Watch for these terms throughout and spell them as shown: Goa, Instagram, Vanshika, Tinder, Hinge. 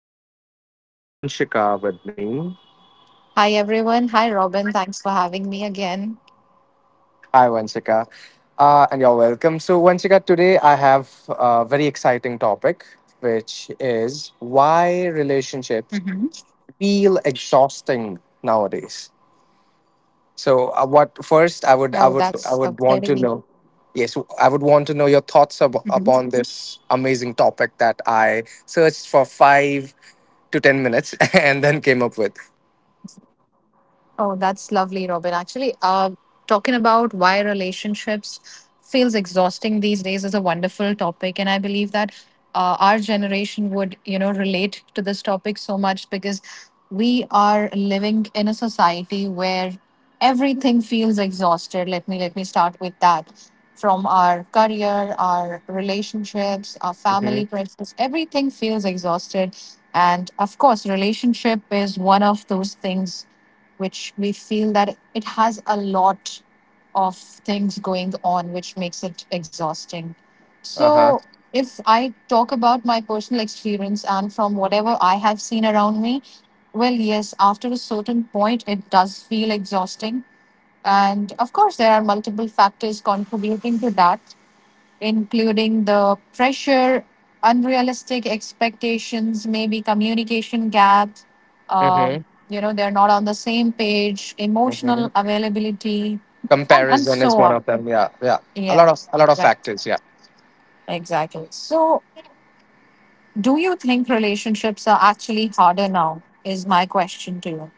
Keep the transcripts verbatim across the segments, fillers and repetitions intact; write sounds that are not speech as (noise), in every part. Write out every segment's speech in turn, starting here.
Robin and I have Vanshika with me. Hi, everyone. Hi, Robin. Thanks for having me again. Hi, Vanshika. Uh, and you're welcome. So, Vanshika, today I have a very exciting topic, which Hmm. is why relationships feel exhausting nowadays. Oh, that's So, a uh, what very— first I would, I would, I would want to know. Yes, I would Mhm. want to know your thoughts ab- upon this amazing topic that I searched for five to ten minutes (laughs) and then came up with. Oh, that's lovely, Robin. Actually, uh, talking about why relationships feels exhausting these days is a wonderful topic, and I believe that uh, our generation would, you know, relate to this topic so much because we are living in a society where everything feels exhausted. Let me let me start with that. From our career, our relationships, our Mm-hmm. family pressures, everything feels exhausted. And of course, relationship is one of those things which we feel that it has a lot of things going on, which makes it exhausting. Uh-huh. So, if I talk about my personal experience and from whatever I have seen around me, well, yes, after a certain point, it does feel exhausting. And of course, there are multiple factors contributing to that, including the pressure, unrealistic expectations, maybe communication gaps. Mm-hmm. Um, you know, they're not on the same page, Mm-hmm. emotional availability, and and Comparison is so one on. of them. Yeah, yeah. A lot Yeah, of a lot of right, factors. Yeah. exactly. So, do you think relationships are actually harder now? Is my question to you.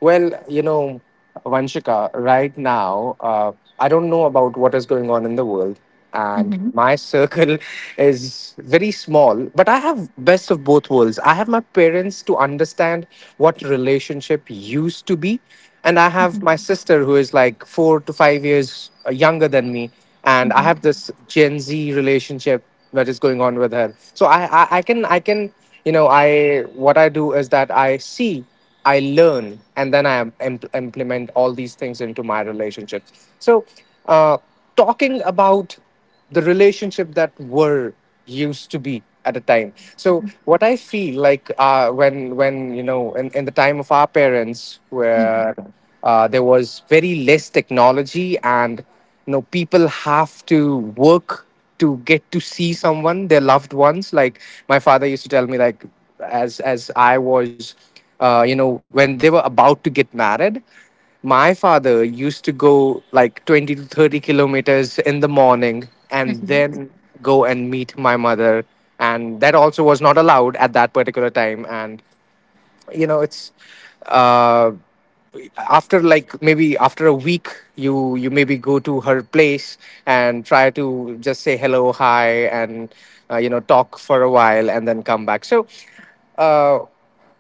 Well, you know, Vanshika, right now, uh, I don't know about what is going on in the world. And Mm-hmm. my circle (laughs) is very small, but I have best of both worlds. I have my parents to understand what relationship used to be. And I have Mm-hmm. my sister who is like four to five years uh, younger than me. And I Mm-hmm. have this Gen Z relationship that is going on with her. So I, I, I can, I can, you know, I, what I do is that I see I learn, and then I im- implement all these things into my relationships. So, uh, talking about the relationship that were used to be at a time. So, what I feel like, uh, when when you know, in, in the time of our parents, where, uh, there was very less technology, and you know people have to work to get to see someone, their loved ones. Like my father used to tell me, like, as as I was, uh, you know, when they were about to get married, my father used to go like twenty to thirty kilometers in the morning and Mm-hmm. then go and meet my mother. And that also was not allowed at that particular time. And you know it's, uh, after like maybe after a week, you you maybe go to her place and try to just say hello, hi, and, uh, you know, talk for a while and then come back. So, uh,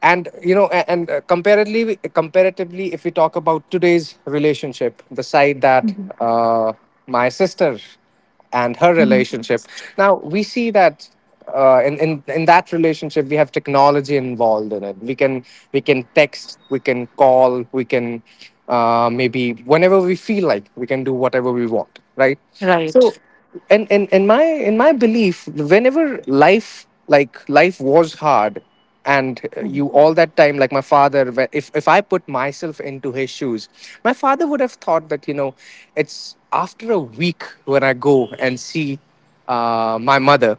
and you know, a- and, uh, comparatively comparatively if we talk about today's relationship, the side Mm-hmm. Mm-hmm. that, uh, my sister and her Mm-hmm. relationship. Now we see that, uh, in, in in that relationship we have technology involved in it. We can we can text, we can call, we can, uh, maybe whenever we feel like, we can do whatever we want, right? Right. So, and in, in my in my belief, whenever life, like life was hard, and, uh, Mm-hmm. you, all that time, like my father, wh- if if I put myself into his shoes, my father would have thought that, you know, it's after a week when I go and see, uh, my mother,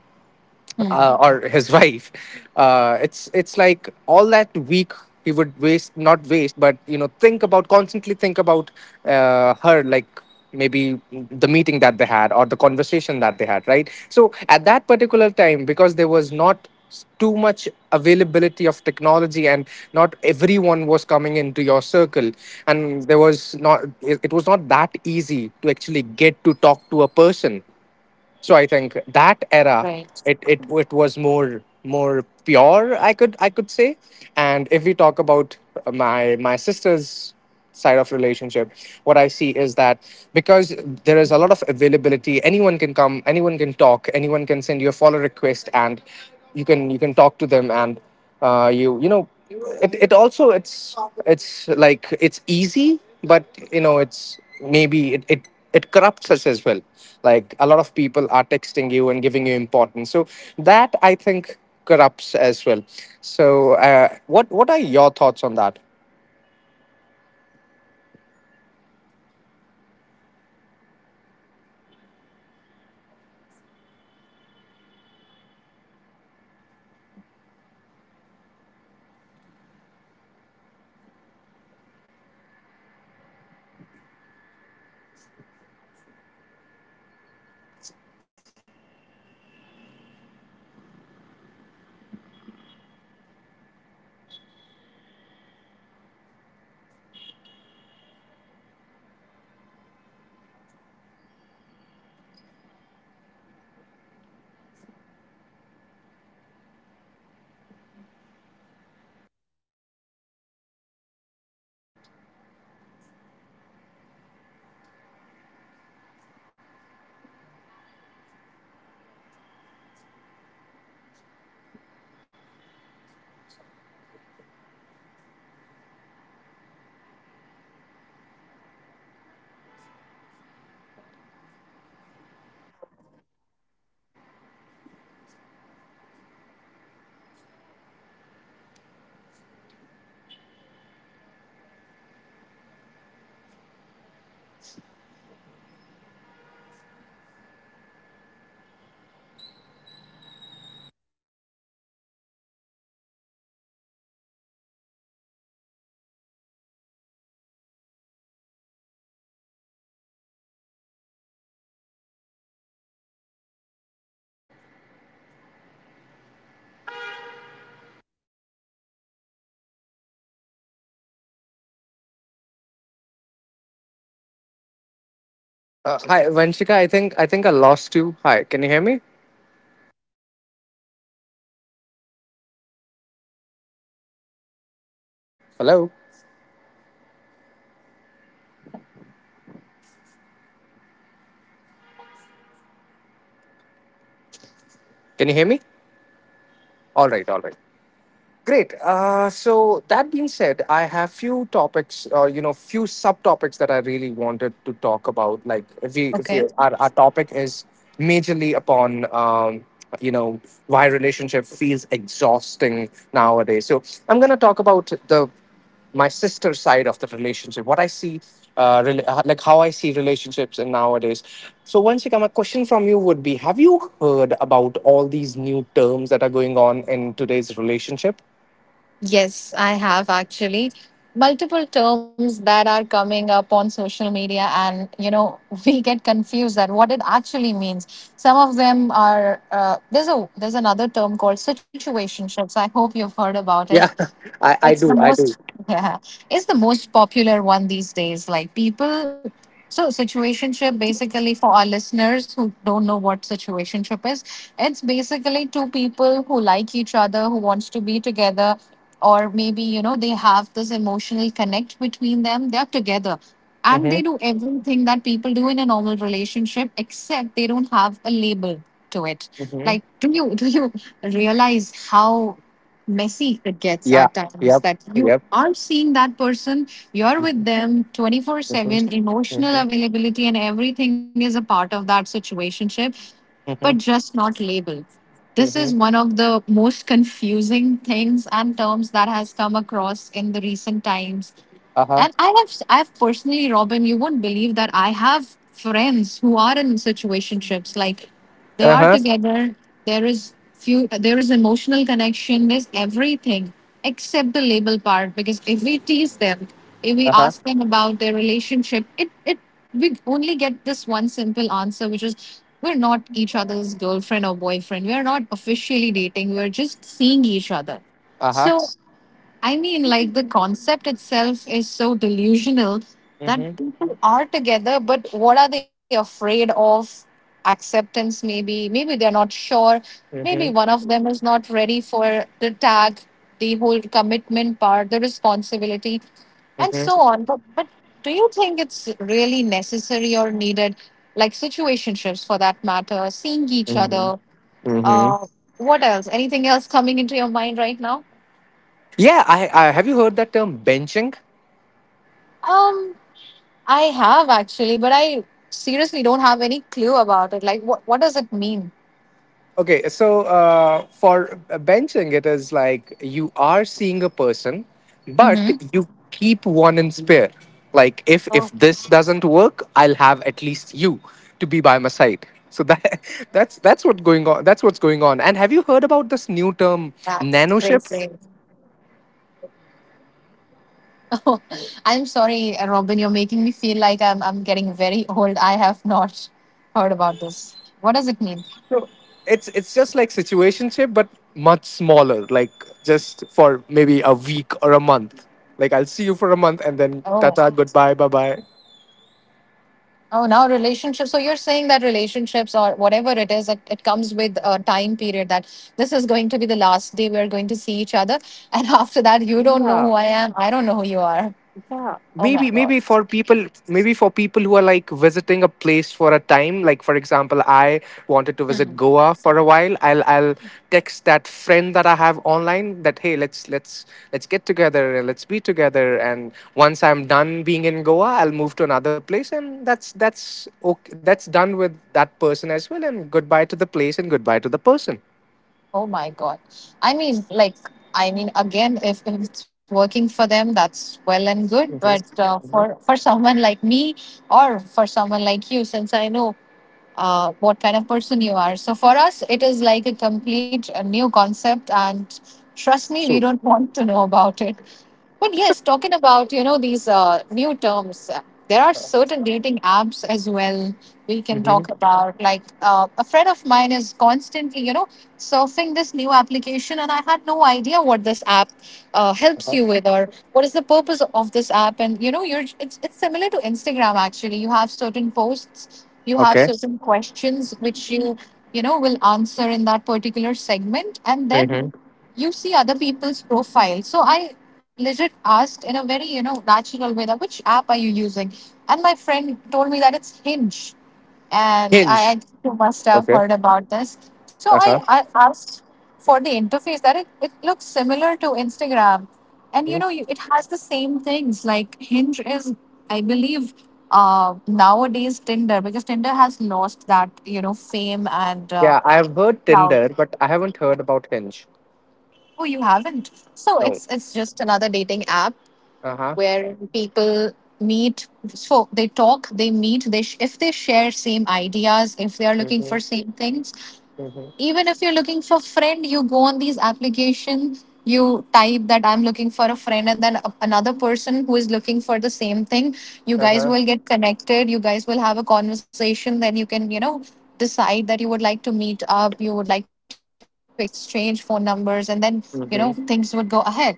Mm-hmm. uh, or his (laughs) wife. Uh, it's it's like all that week he would waste, not waste, but you know, think about, constantly think about, uh, her, like maybe the meeting that they had or the conversation that they had, right? So at that particular time, because there was not, s- too much availability of technology, and not everyone was coming into your circle, and there was not, it, it was not that easy to actually get to talk to a person, so I Right. think that era, it it it was more more pure, I could I could say. And if we talk about my my sister's side of relationship, what I see is that, because there is a lot of availability, anyone can come, anyone can talk, anyone can send you a follow request, and you can you can talk to them, and, uh, you you know, it, it also, it's it's like it's easy, but you know it's maybe, it, it it corrupts us as well, like a lot of people are texting you and giving you importance, so Mm-hmm. that I think corrupts as well. So, uh, what what are your thoughts on that? Well, you beautifully compared two generations and how they used to have relationships, what were the circumstances like, and how the circumstances are like in today's generation or with us, including ourselves. So, again, uh, if I talk about my parents' relationship, well, it was similar to yours, definitely. Uh, my father was the one who initiated the conversation because obviously women at that time were not allowed to, you know, speak to guys or have that sort of conversation with them. So it was my father who initiated the conversation, and then he told his father, my my grandfather, that he liked someone. And then, you know, my grandfather went to my mother's place, and then they fixed the relationship, that yes, uh, we want your daughter as our, you know, daughter in law. So that's how things work. They never had a relationship. They, were- they never had a chance to know each other before that relationship. It was sort of an arranged marriage since it was just my dad who had the liking. And when I talked to my parents about it, my, my mom was just, you know, was in that relationship because her family was involved. So it was like no exposure. So you portrayed the better side of not having that exposure or not having that many options. But there is another side to it. I believe that in today's world, we get to choose our our partners. We get to choose that this is the one I want to be with. Uh, maybe this person has eight qualities that I need in a man or in a woman, but I think two are still missing, and tho- those two qualities are very important for me. So that's one thing that I feel is was lacking previously when our parents were in, uh, you know, in the picture. And uh, they— Hi, Vanshika, i think i think I lost you. Hi, can you hear me? yes, Robin, am I audible? So Hello, that's that's what I was asking or telling you, that this is how relationships used to be. can you hear me? All right, all right. Great. Uh, so that being said, I have few topics, uh, you know, few subtopics that I really wanted to talk about. Like, if we, Okay. if we our, our topic is majorly upon, um, you know, why relationship feels exhausting nowadays. So I'm gonna talk about the my sister side of the relationship, what I see, uh, rela- uh, like how I see relationships in nowadays. So once, you come, a question from you would be: have you heard about all these new terms that are going on in today's relationship? Yes, I have, actually, multiple terms that are coming up on social media, and you know, (laughs) we get confused that what it actually means. Some of them are— uh, there's a— there's another term called situationships. I hope you've heard about it. Yeah, (laughs) I, It's I the do, I most— do. (laughs) yeah, it's the most popular one these days, like, people— so situationship, basically, for our listeners who don't know what situationship is, it's basically two people who like each other, who wants to be together, or maybe, you know, they have this emotional connect between them, they're together, and they Hmm. do everything that people do in a normal relationship, except they don't have a label to it. Hmm. Like, do you do realize how messy it gets Yeah. at times, Yep. that you Yep. are seeing that person, you're Mm-hmm. with them twenty-four seven, emotional Mm-hmm. availability and everything is a part of that situation, but Mm-hmm. just not labeled. This is Mm-hmm. one of the most confusing things and terms that has come across in the recent times. Uh-huh. And i have I've personally, Robin, you won't believe that I have friends who are in situationships. Like, they are Uh-huh. together, there is few— there is emotional connection, there's everything, except the label part. Because if we tease them, if we Uh-huh. ask them about their relationship, it it we only get this one simple answer, which is, we're not each other's girlfriend or boyfriend, we're not officially dating, we're just seeing each other. So Uh-huh. I mean, like, the concept itself is so delusional that Mm-hmm. people are together, but what are they afraid of? Acceptance, maybe. Maybe they're not sure. Maybe one of them is Mm-hmm. not ready for the tag, the whole commitment part, the responsibility, and so on. But, but do you think it's really necessary or needed? Like, situationships, for that matter, seeing each other. Mm-hmm. Uh, Mm-hmm. what else? Anything else coming into your mind right now? Yeah, I, I have you heard that term benching? Um, I have, actually, but I seriously don't have any clue about it. Like, what what does it mean? Okay, so, uh, for benching, it is like you are seeing a person, but Mm-hmm. you keep one in spare. Like, if Oh, if this doesn't work, I'll have at least you to be by my side. So that (laughs) that's that's what going on. That's what's that's going on. And have crazy. you heard about this new term, nanoships? Oh, (laughs) I'm sorry, uh, Robin. You're making me feel like I'm I'm getting very (laughs) old. I have not heard about this. What does it mean? So it's it's just like situationship, but much smaller. Like, just for maybe a week or a month. Like, I'll see you Oh, for a month and then tata, goodbye, bye bye. oh, now relationships. So you're saying that relationships or whatever it is, it, it comes with a time period, that this is going to be the last day we're going to see each other, and (laughs) after that, you don't Yeah. know who I am. I don't know who you are. Yeah, maybe Oh my maybe God. for people maybe for people who are like visiting a place for a time. Like, for example, I wanted to visit Goa for a while. I'll I'll text that friend that I have online that, hey, let's let's let's get together, and let's be together, and once I'm done being in Goa, I'll move to another place, and that's that's okay, that's done with that person as well, and goodbye to the place and goodbye to the person. Oh my God. I mean, like, I mean, again, if, if it's working for them, that's well and good. But Mm-hmm. uh, for for someone like me, or for someone like you, since I know uh, what kind of person you are, so for us, it is like a complete uh, new concept. And trust me, we True. don't (laughs) want to know about it. But yes, talking about, you know, these uh, new terms, uh, there are certain dating apps as well. We can Mm-hmm. talk about, like, uh, a friend of mine is constantly, you know, surfing this new application, and I had no idea what this app uh, helps you with or what is the purpose of this app. And you know, you're it's it's similar to Instagram, actually. You have certain posts, you have Okay. certain questions which you you know, will answer in that particular segment, and then Mm-hmm. you see other people's profile. So I legit asked in a very, you know, natural way that, which app are you using? And my friend told me that it's Hinge. And Hinge. I, I think you must have Okay. heard about this. So I, Uh-huh. I asked for the interface, that it, it looks similar to Instagram. And you Hmm? know, you, it has the same things. Like, Hinge is, I believe, uh, nowadays Tinder, because Tinder has lost that, you know, fame and uh, Yeah, I've heard clout. Tinder, but I haven't heard about Hinge. Oh, you haven't. So it's No. it's just another dating app Uh huh. where people meet. So they talk, they meet. They sh- if they share same ideas, if they are looking for Mhm. same things, Mhm. even if you're looking for friend, you go on these applications, you type that I'm looking for a friend, and then a- another person who is looking for the same thing, you Uh guys huh. will get connected, you guys will have a conversation, then you can, you know, decide that you would like to meet up, you would like to exchange phone numbers, and then, you know, things would go Mhm. ahead. So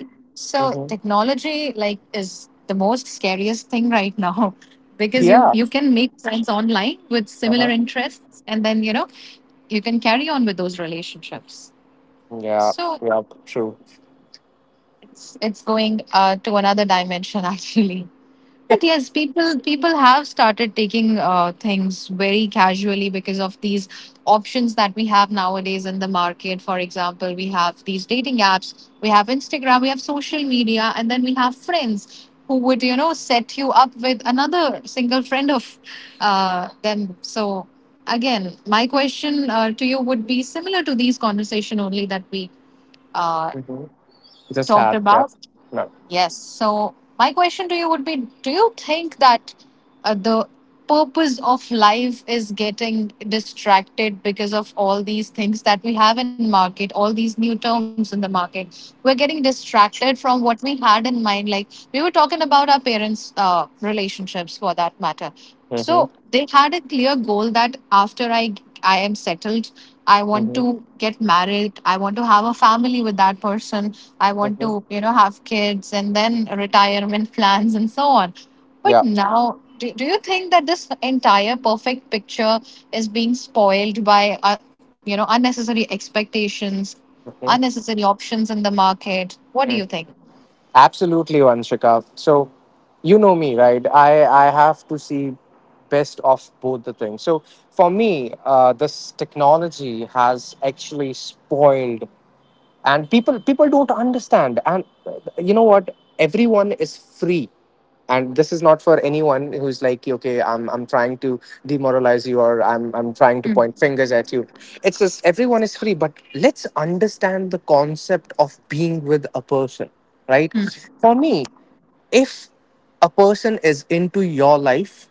Mhm. technology, like, is the most scariest thing right now, (laughs) because you you Yeah. can make friends online with similar Uh huh. interests, and then, you know, you can carry on with those relationships. Yeah. So Yeah. True. it's it's going, uh, to another dimension, (laughs) actually. But yes, people people have started taking, uh, things very casually because of these options that we have nowadays in the market. For example, we have these dating apps, we have Instagram, have social media, and then we have friends who would, you know, set you up with another single friend of uh, them. So again, my question, uh, to you would be similar to these conversation only that we uh, Mhm. talked Just had. about. Yeah. No. Yes. So my question to you would be: do you think that uh, the purpose of life is getting distracted because of all these things that we have in market, all these new terms in the market? We're getting distracted from what we had in mind. Like, we were talking about our parents' uh, relationships, for that matter. So Mhm. they had a clear goal that after I I am settled, I want Mhm. to get married. I want to have a family with that person. I want Mhm. to, you know, have kids and then retirement plans and so on. But Yeah. now, do, do you think that this entire perfect picture is being spoiled by uh, you know, unnecessary expectations, Mhm. unnecessary options in the market? What do you Mhm. think? Absolutely, Vanshika. So, you know me, right? I I have to see best of both the things. So for me, uh, this technology has actually spoiled, and people people don't understand, and, uh, you know what, everyone is free. And this is not for anyone who's like, okay, i'm i'm trying to demoralize you, or i'm i'm trying Hmm, to point fingers at you. It's just, everyone is free, but let's understand the concept of being with a person, right? hmm, For me, if a person is into your life,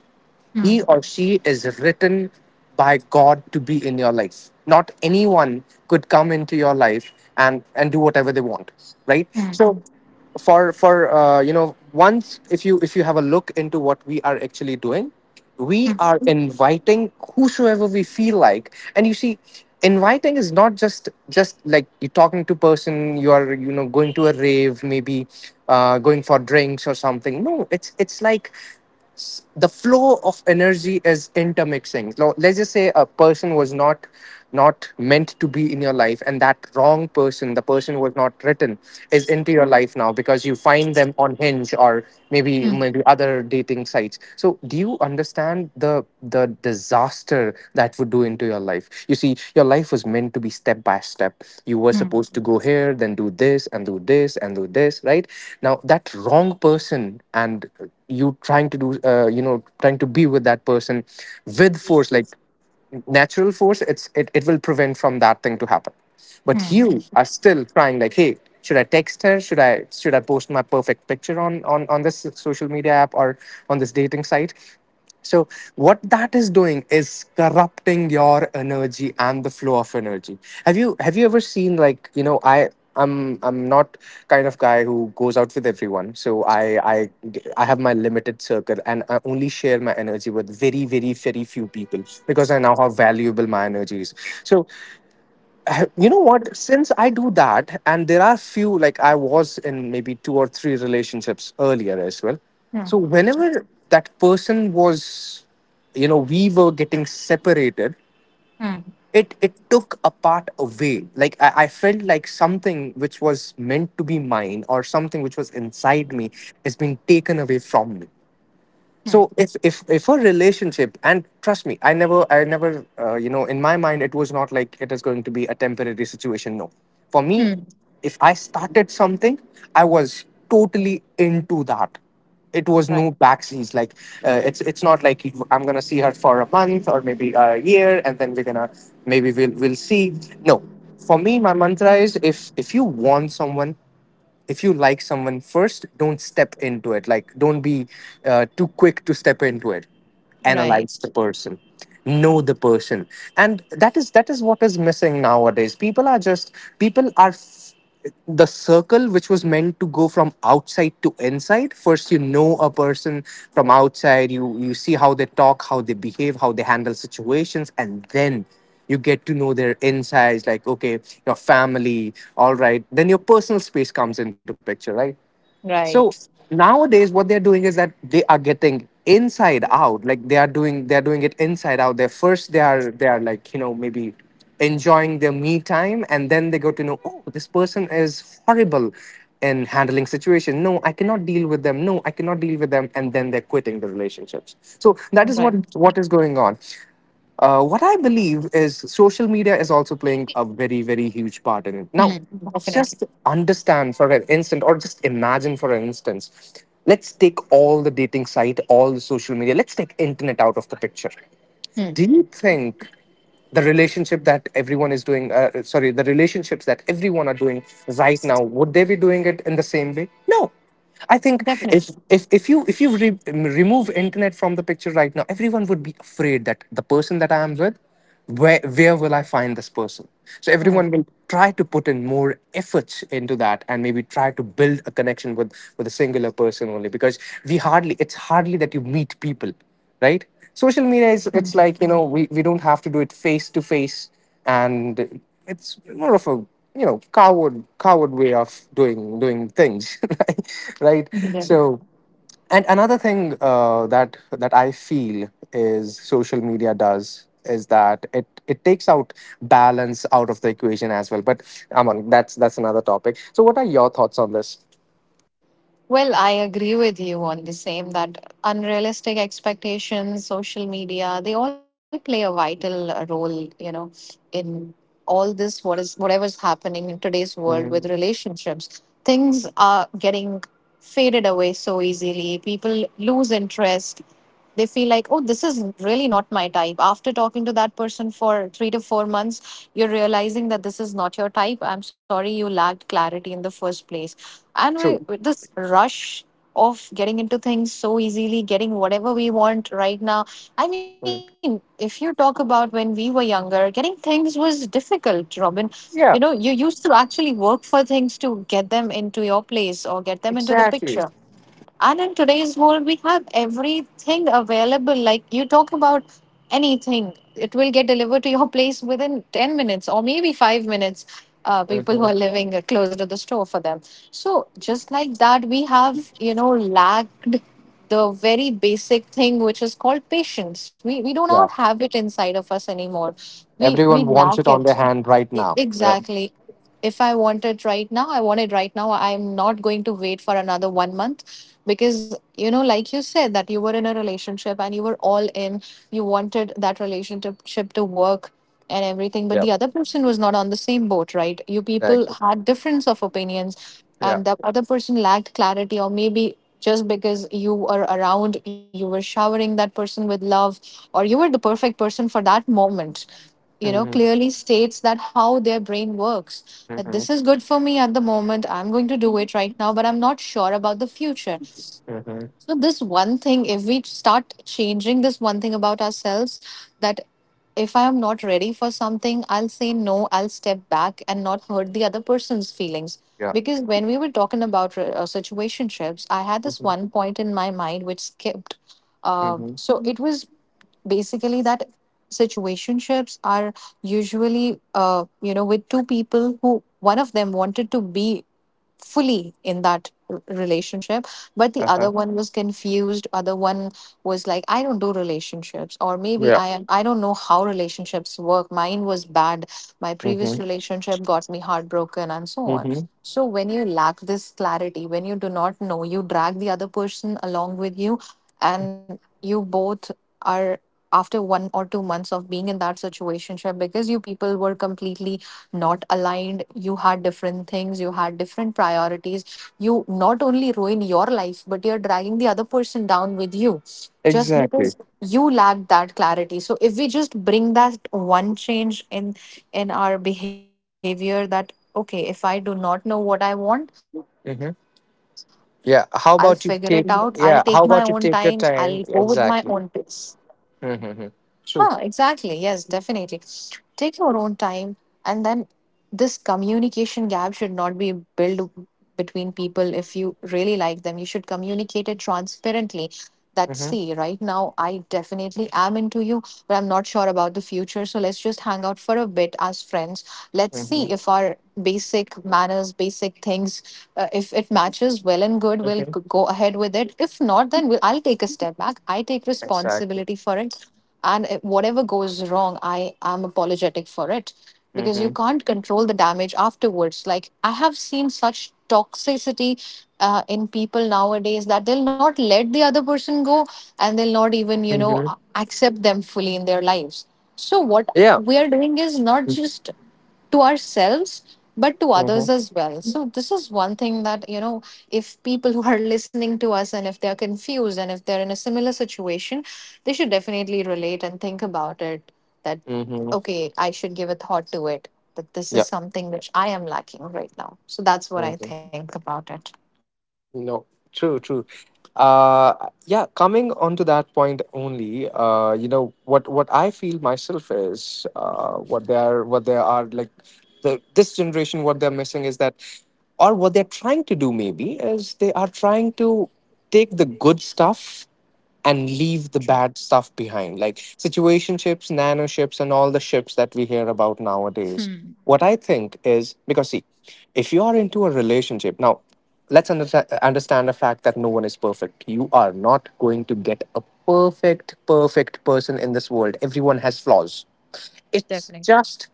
he hmm, or she is written by God to be in your life. Not anyone could come into your life and and do whatever they want, right? hmm, So for for, uh, you know, once, if you if you have a look into what we are actually doing, hmm, we are inviting whosoever we feel like. And you see, inviting is not just, just like you're talking to person, you are, you know, going to a rave maybe, uh, going for drinks or something. No, it's it's like, s- the flow of energy is intermixing. Now, let's just say a person was not not meant to be in your life, and that wrong person, the person who was not written, is into your life now, because you find them on Hinge, or maybe hmm, maybe other dating sites. So do you understand the the disaster that would do into your life? You see, your life was meant to be step by step. You were hmm, supposed to go here, then do this, and do this, and do this, right? Now, that wrong person, and you trying to do, uh, you know, trying to be with that person, with force, like natural force, it's, it, it will prevent from that thing to happen. But hmm, you are still trying, like, hey, should I text her, should i should i post my perfect picture on, on on this social media app, or on this dating site? So, what that is doing is corrupting your energy and the flow of energy. Have you have you ever seen, like, you know, I I'm I'm not kind of guy who goes out with everyone. So I I I have my limited circle, and I only share my energy with very, very, very few people, because I now how valuable my energy is. So I- you know what, since I do that, and there are few, like, I was in maybe two or three relationships earlier as well. So whenever that person was, you know, we were getting separated, hmm, it it took a part away. Like I, I felt like something which was meant to be mine or something which was inside me has been taken away from me. So if if if a relationship, and trust me, i never i never uh, you know, in my mind it was not like it is going to be a temporary situation. No, for me, hmm. if I started something, I was totally into that. It was Right, no backseas, like, uh, it's it's not like you- I'm gonna see her for a month or maybe a year and then we're gonna, maybe we'll we'll see. No, for me, my mantra is, if if you want someone, if you like someone, first, don't step into it. Like, don't be uh, too quick to step into it. Analyze right, the person, know the person, and that is that is what is missing nowadays. People are just, people are f- the circle which was meant to go from outside to inside, first you know a person from outside, you you see how they talk, how they behave, how they handle situations, and then you get to know their insides, like, okay, your family, all right, then your personal space comes into picture, right? So right, nowadays, what they're doing is that they are getting inside out. Like they are doing, they're doing it inside out. They first, they are they are like, you know, maybe enjoying their me time, and then they go to know, oh, this person is horrible in handling situation. No, I cannot deal with them. No, I cannot deal with them, and then they're quitting the relationships. So that is what right. what is going on. Uh, what I believe is social media is also playing a very, very huge part in it. Now, Hmm, definitely. just understand for an instant, or just imagine for an instance. Let's take all the dating site, all the social media. Let's take internet out of the picture. Do Hmm, you think the relationship that everyone is doing, uh, sorry, the relationships that everyone are doing right now, would they be doing it in the same way? No, I think, if definitely. if if you if you re- um, remove internet from the picture right now, everyone would be afraid that the person that I am with, where where will I find this person? So everyone will try to put in more efforts into that and maybe try to build a connection with with a singular person only, because we hardly — it's hardly that you meet people, right? Social media is — it's like, you know, we, we don't have to do it face to face, and it's more of a, you know, coward coward way of doing doing things (laughs) right, right. Hmm. So, and another thing, uh, that that I feel is social media does, is that it it takes out balance out of the equation as well, but, among — that's that's another topic. So what are your thoughts on this? Well, I agree with you on the same that unrealistic expectations, social media, they all play a vital uh, role, you know, in all this what is whatever's happening in today's world with Mhm. relationships. Things are getting faded away so easily. People lose interest. They feel like, oh, this is really not my type. After talking to that person for three to four months, you're realizing that this is not your type. I'm sorry you lacked clarity in the first place, and we True. with this rush of getting into things so easily, getting whatever we want right now. I mean, Mhm. if you talk about when we were younger, getting things was difficult, Robin, you know Yeah. you used to actually work for things to get them into your place or get them into the Exactly. picture. And in today's world, we have everything available. Like you talk about anything, it will delivered to your (laughs) place within ten minutes or maybe five minutes. Uh, people who are Mhm. living uh, closer to the store for them. So, just like that, we have, you know, lacked the very basic thing which is called patience. We, we do not Yeah. have it inside of us anymore. We, Everyone we wants it lack on their it. hand right E- now. Yep. Exactly. If I want it right now, I want it right now. I'm not going to wait for another one month because, you know, like you said, that you were in a relationship and you were all in, you wanted that relationship to work and everything, but Yep. the other person was not on the same boat, right? You people Exactly. had difference of opinions Yeah. and the other person lacked clarity, or maybe just because you were around, you were showering that person with love, or you were the perfect person for that moment, you know Mhm. clearly states that how their brain works, that Mhm. this is good for me at the moment. I'm going to do it right now, but I'm not sure about the future. Mhm. So this one thing, if we start changing this one thing about ourselves, that if I am not ready for something, I'll say no, I'll step back and not hurt the other person's feelings. Yeah. Because when we were talking about re- uh, situationships, I had this Mhm. one point in my mind which skipped. uh, Mhm. so it was basically that situationships are usually uh, you know with two people who, one of them wanted to be fully in that r- relationship, but the other Uh-huh. one was confused. Other one was like, I don't do relationships, or maybe Yeah. i am- I don't know how relationships work. Mine was bad. My previous Mhm. relationship got me heartbroken and so on. Mhm. So when you lack this clarity, when you do not know, you drag the other person along with you, and you both are, after one or two months of being in that situationship, because you people were completely not aligned, you had different things, you had different priorities, you not only ruin your life, but you're dragging the other person down with you, just Exactly. because you lack that clarity. So if we just bring that one change in in our behavior, that okay, if I do not know what I want, I'll figure it out, Mhm. I'll take my own time, Yeah. How I'll about go you with take? my own Yeah. pace. How about you take your time? Ah, Exactly. exactly. Yes, definitely. Mm-hmm. True. Take your own time, and then this communication gap should not be built between people if you really like them. You should communicate it transparently. That see, right now, I Mm-hmm. definitely am into you, but I'm not sure about the future. So let's just hang out for a bit as friends. Let's see if our Mm-hmm. basic manners, basic things, uh, if it matches, well and good, we'll g- go Mm-hmm. ahead with it. If not, then we'll, I'll take a step back. I take responsibility for Exactly. it, and uh, whatever goes wrong, I am apologetic for it. Because you Mm-hmm. can't control the damage afterwards, like I have seen such toxicity uh, in people nowadays, that they'll not let the other person go, and they'll not even Mm-hmm. you know a- accept them fully in their lives. So Yeah. we are doing is not just to ourselves but to Mm-hmm. others as well. So this is one thing that, you know if people (laughs) who are listening to us, and if they're confused and if they're in a similar situation, they should definitely relate and think about it, that Mm-hmm. okay, I should give a thought to it, that this Yeah. is something which I am lacking right now. So that's what I Mm-hmm. think about it. No, true, true. Uh, yeah, coming on to that point only, uh, you know, what what I feel myself is, uh, what they are, what they are like the this generation, what they're missing is that, or what they're trying to do, maybe, is they are trying to take the good stuff and leave the True. bad stuff behind, like situationships, nanoships, and all the ships that we hear about nowadays. Hmm. What I think is, because, see, if you are into a relationship now, let's understand, understand the fact that no one is perfect. You are not going to get a perfect, perfect person in this world. Everyone has flaws. It's Definitely. just,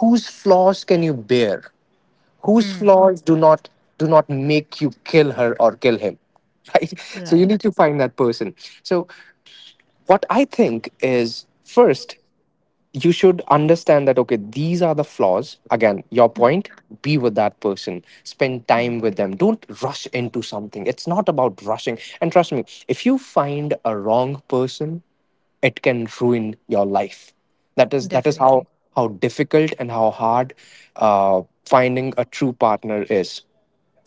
whose flaws can you bear? Whose Hmm. flaws do not — do not make you kill her or kill him? (laughs) Right? So you need to Right. find that person. So what I think is, first, you should understand that, okay, these are the flaws. Again, your Hmm. point, be with that person, spend time with Hmm, them. Don't rush into something. It's not about rushing. And trust me, if you find a wrong person, it can ruin your life. That is that is how definitely. how difficult and how hard, uh, finding a true partner is,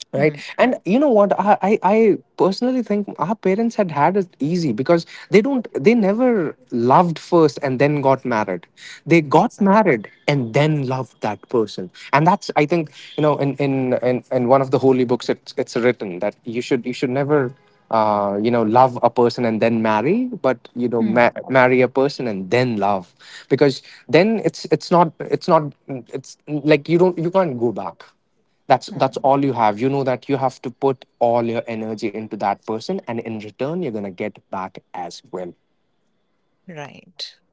Hmm. right? And you know what, I, I i personally think our parents had had it easy, because they don't they never loved first and then got married. They got Exactly. married and then loved that person, and that's, I think, you know, in in in, in one of the holy books, it's it's written that you should you should never, uh, you know, love a person and then marry, but, you know, Hmm. ma- marry a person and then love, because then, it's it's not, it's not it's like, you don't you can't go back. That's that's Hmm, all you have, you know, that you have to put all your energy into that person, and in return you're going to get back as well. right.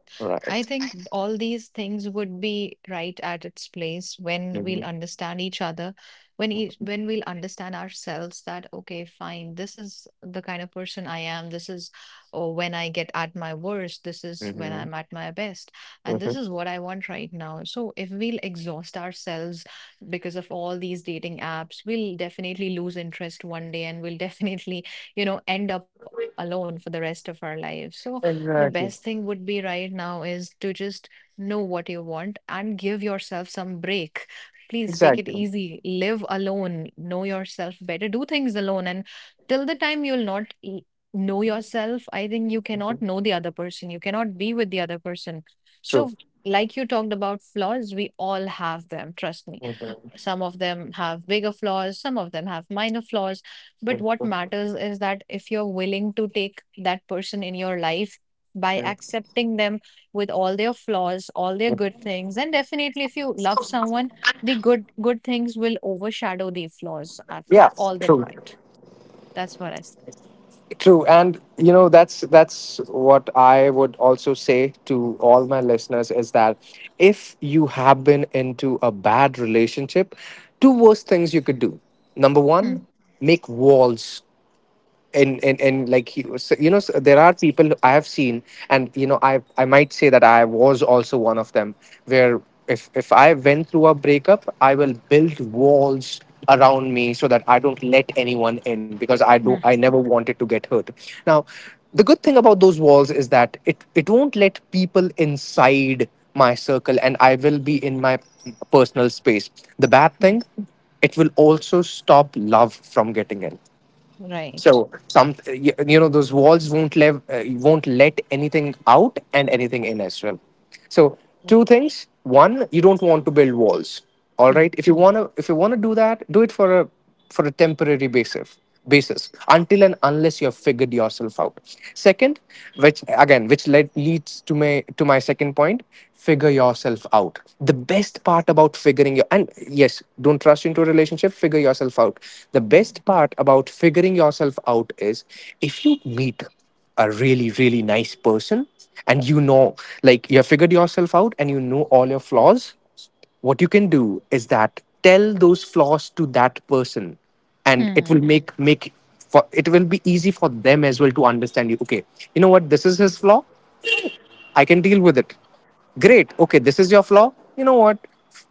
I think all these things would be right at its place when we'll understand each other, when each, when we'll understand ourselves that okay, fine, this is the kind of person I am. This is, or when I get at my worst. This is when Hmm. I'm at my best, and Hmm. this is what I want right now. So if we'll exhaust ourselves because of all these dating apps, we'll definitely lose interest one day, and we'll (laughs) definitely you know end up alone for the rest of our lives. So the best thing Exactly. would be right now is to just know what you want and give yourself some break. Please take it Exactly. easy, live alone, know yourself better, do things alone. And till the time you'll not e- know yourself, I think you Hmm. cannot know the other person, you cannot be with the other person. True. So, like you talked about flaws, we all have, trust me. Mhm. Some of them have bigger flaws, some of them have minor flaws. But what Mhm. matters is that if you're willing to take that person in your life by Mhm. accepting them with all their flaws, all their good things, and definitely if you love someone, the good good things will overshadow the flaws at Yeah. all the True, point. That's what I say. true. And you know, that's that's what I would also say to all my listeners, is that if you have been into a bad relationship, two worst things you could do. Number one, Hmm. make walls. And and, and like he was, you know, s- there are people I have seen, and you know, i i might say that I was also one of them, where if if I went through a breakup, I will build walls around me so that I don't let anyone in, because i do Hmm. I never wanted to get hurt. Now, the good thing about those walls is that it it won't let people inside my circle, and I will be in my personal space. The bad thing, it will also stop love from getting in. Hmm. So, Right. some — you you know, those walls won't let, uh, won't let anything out and anything in as well. So Mm. two things. One, you don't want to build walls. All right. Hmm. If you wanna if you wanna do that, do it for a for a temporary basis basis until and unless you have figured yourself out. Second, which, again, which led leads to my to my second point, figure yourself out. The best part about figuring figuring your — and yes, don't trust into a relationship, figure yourself out. The best Hmm. part about figuring yourself out is, if you meet a really, really nice person, and you know, like, you have figured yourself out and you know all your flaws, what you can do is that, tell those flaws to that person, and it will Hmm. make make for — it will be easy for them as well to understand you. Okay, you know what, this is his flaw, I can deal with it. Great. Okay, this is your flaw. You know what?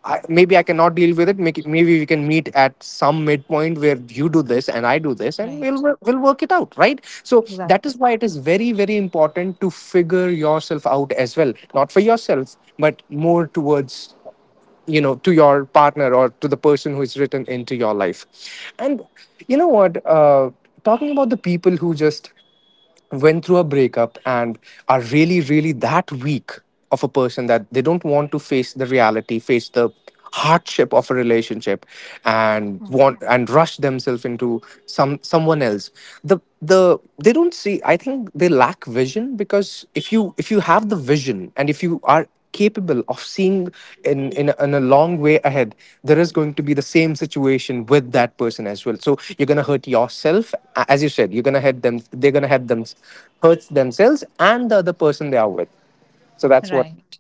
I, Maybe I cannot deal with it. Make it. Maybe we can meet at some midpoint where you do this and I do this, and Right. we'll wor- we'll work it out, right? So Exactly. that is why it is very, very important to figure yourself out as well, not for yourself, but more towards, you know, to your partner or to the person who is written into your life. And you know what? Uh, talking about the people who just went through a breakup and are really, really that weak of a person, that they don't want to face the reality, face the hardship of a relationship, Hmm. and want and rush themselves into some someone else, the the they don't see, I think they lack vision, because if you if you have the vision and if you are capable of seeing in, in, a, in a long way ahead, there is going to be the same situation with that person as well. So you're going to hurt yourself. a- As you said, you're going to hurt them. They're going to hurt them, hurt themselves, and the other person they are with. So that's what. Right.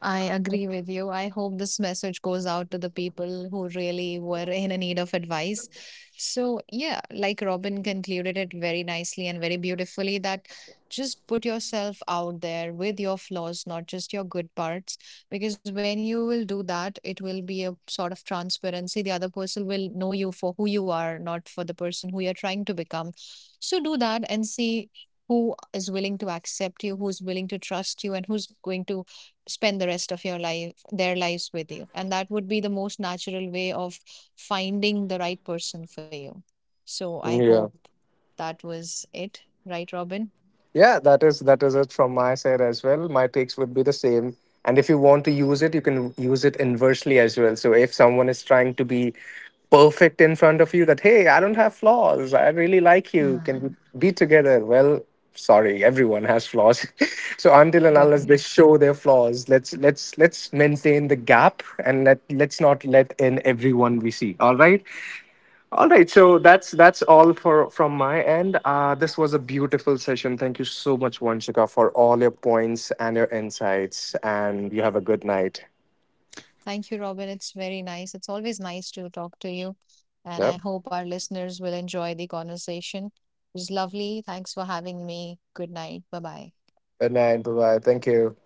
I agree with you. I hope this message goes out to the people who really were in a need of advice. So, yeah, like Robin concluded it very nicely and very beautifully, that just put yourself out there with your flaws, not just your good parts. Because when you will do that, it will be a sort of transparency. The other person will know you for who you are, not for the person who you're trying to become. So, do that and see who is willing to accept you, who's willing to trust you, and who's going to spend the rest of your life their lives with you. And that would be the most natural way of finding the right person for you. So I Yeah. hope that was it, right, Robin? Yeah, that is that is it from my side as well. My takes would be the same. And if you want to use it, you can use it inversely as well. So if someone is trying to be perfect in front of you, that, hey, I don't have flaws. I really like you. Mm, Can we be together? Well, sorry, everyone has flaws. (laughs) So until and unless definitely. they show their flaws, let's let's let's maintain the gap, and let let's not let in everyone we see. All right. All right, so that's that's all for from my end. Uh, this was a beautiful session. Thank you so much, Vanshika, for all your points and your insights. And you have a good night. Thank you, Robin. It's very nice. It's always nice to talk to you, and Yep. I hope our listeners will enjoy the conversation. It was lovely. Thanks for having me. Good night. Bye bye. Good night. Bye bye. Thank you.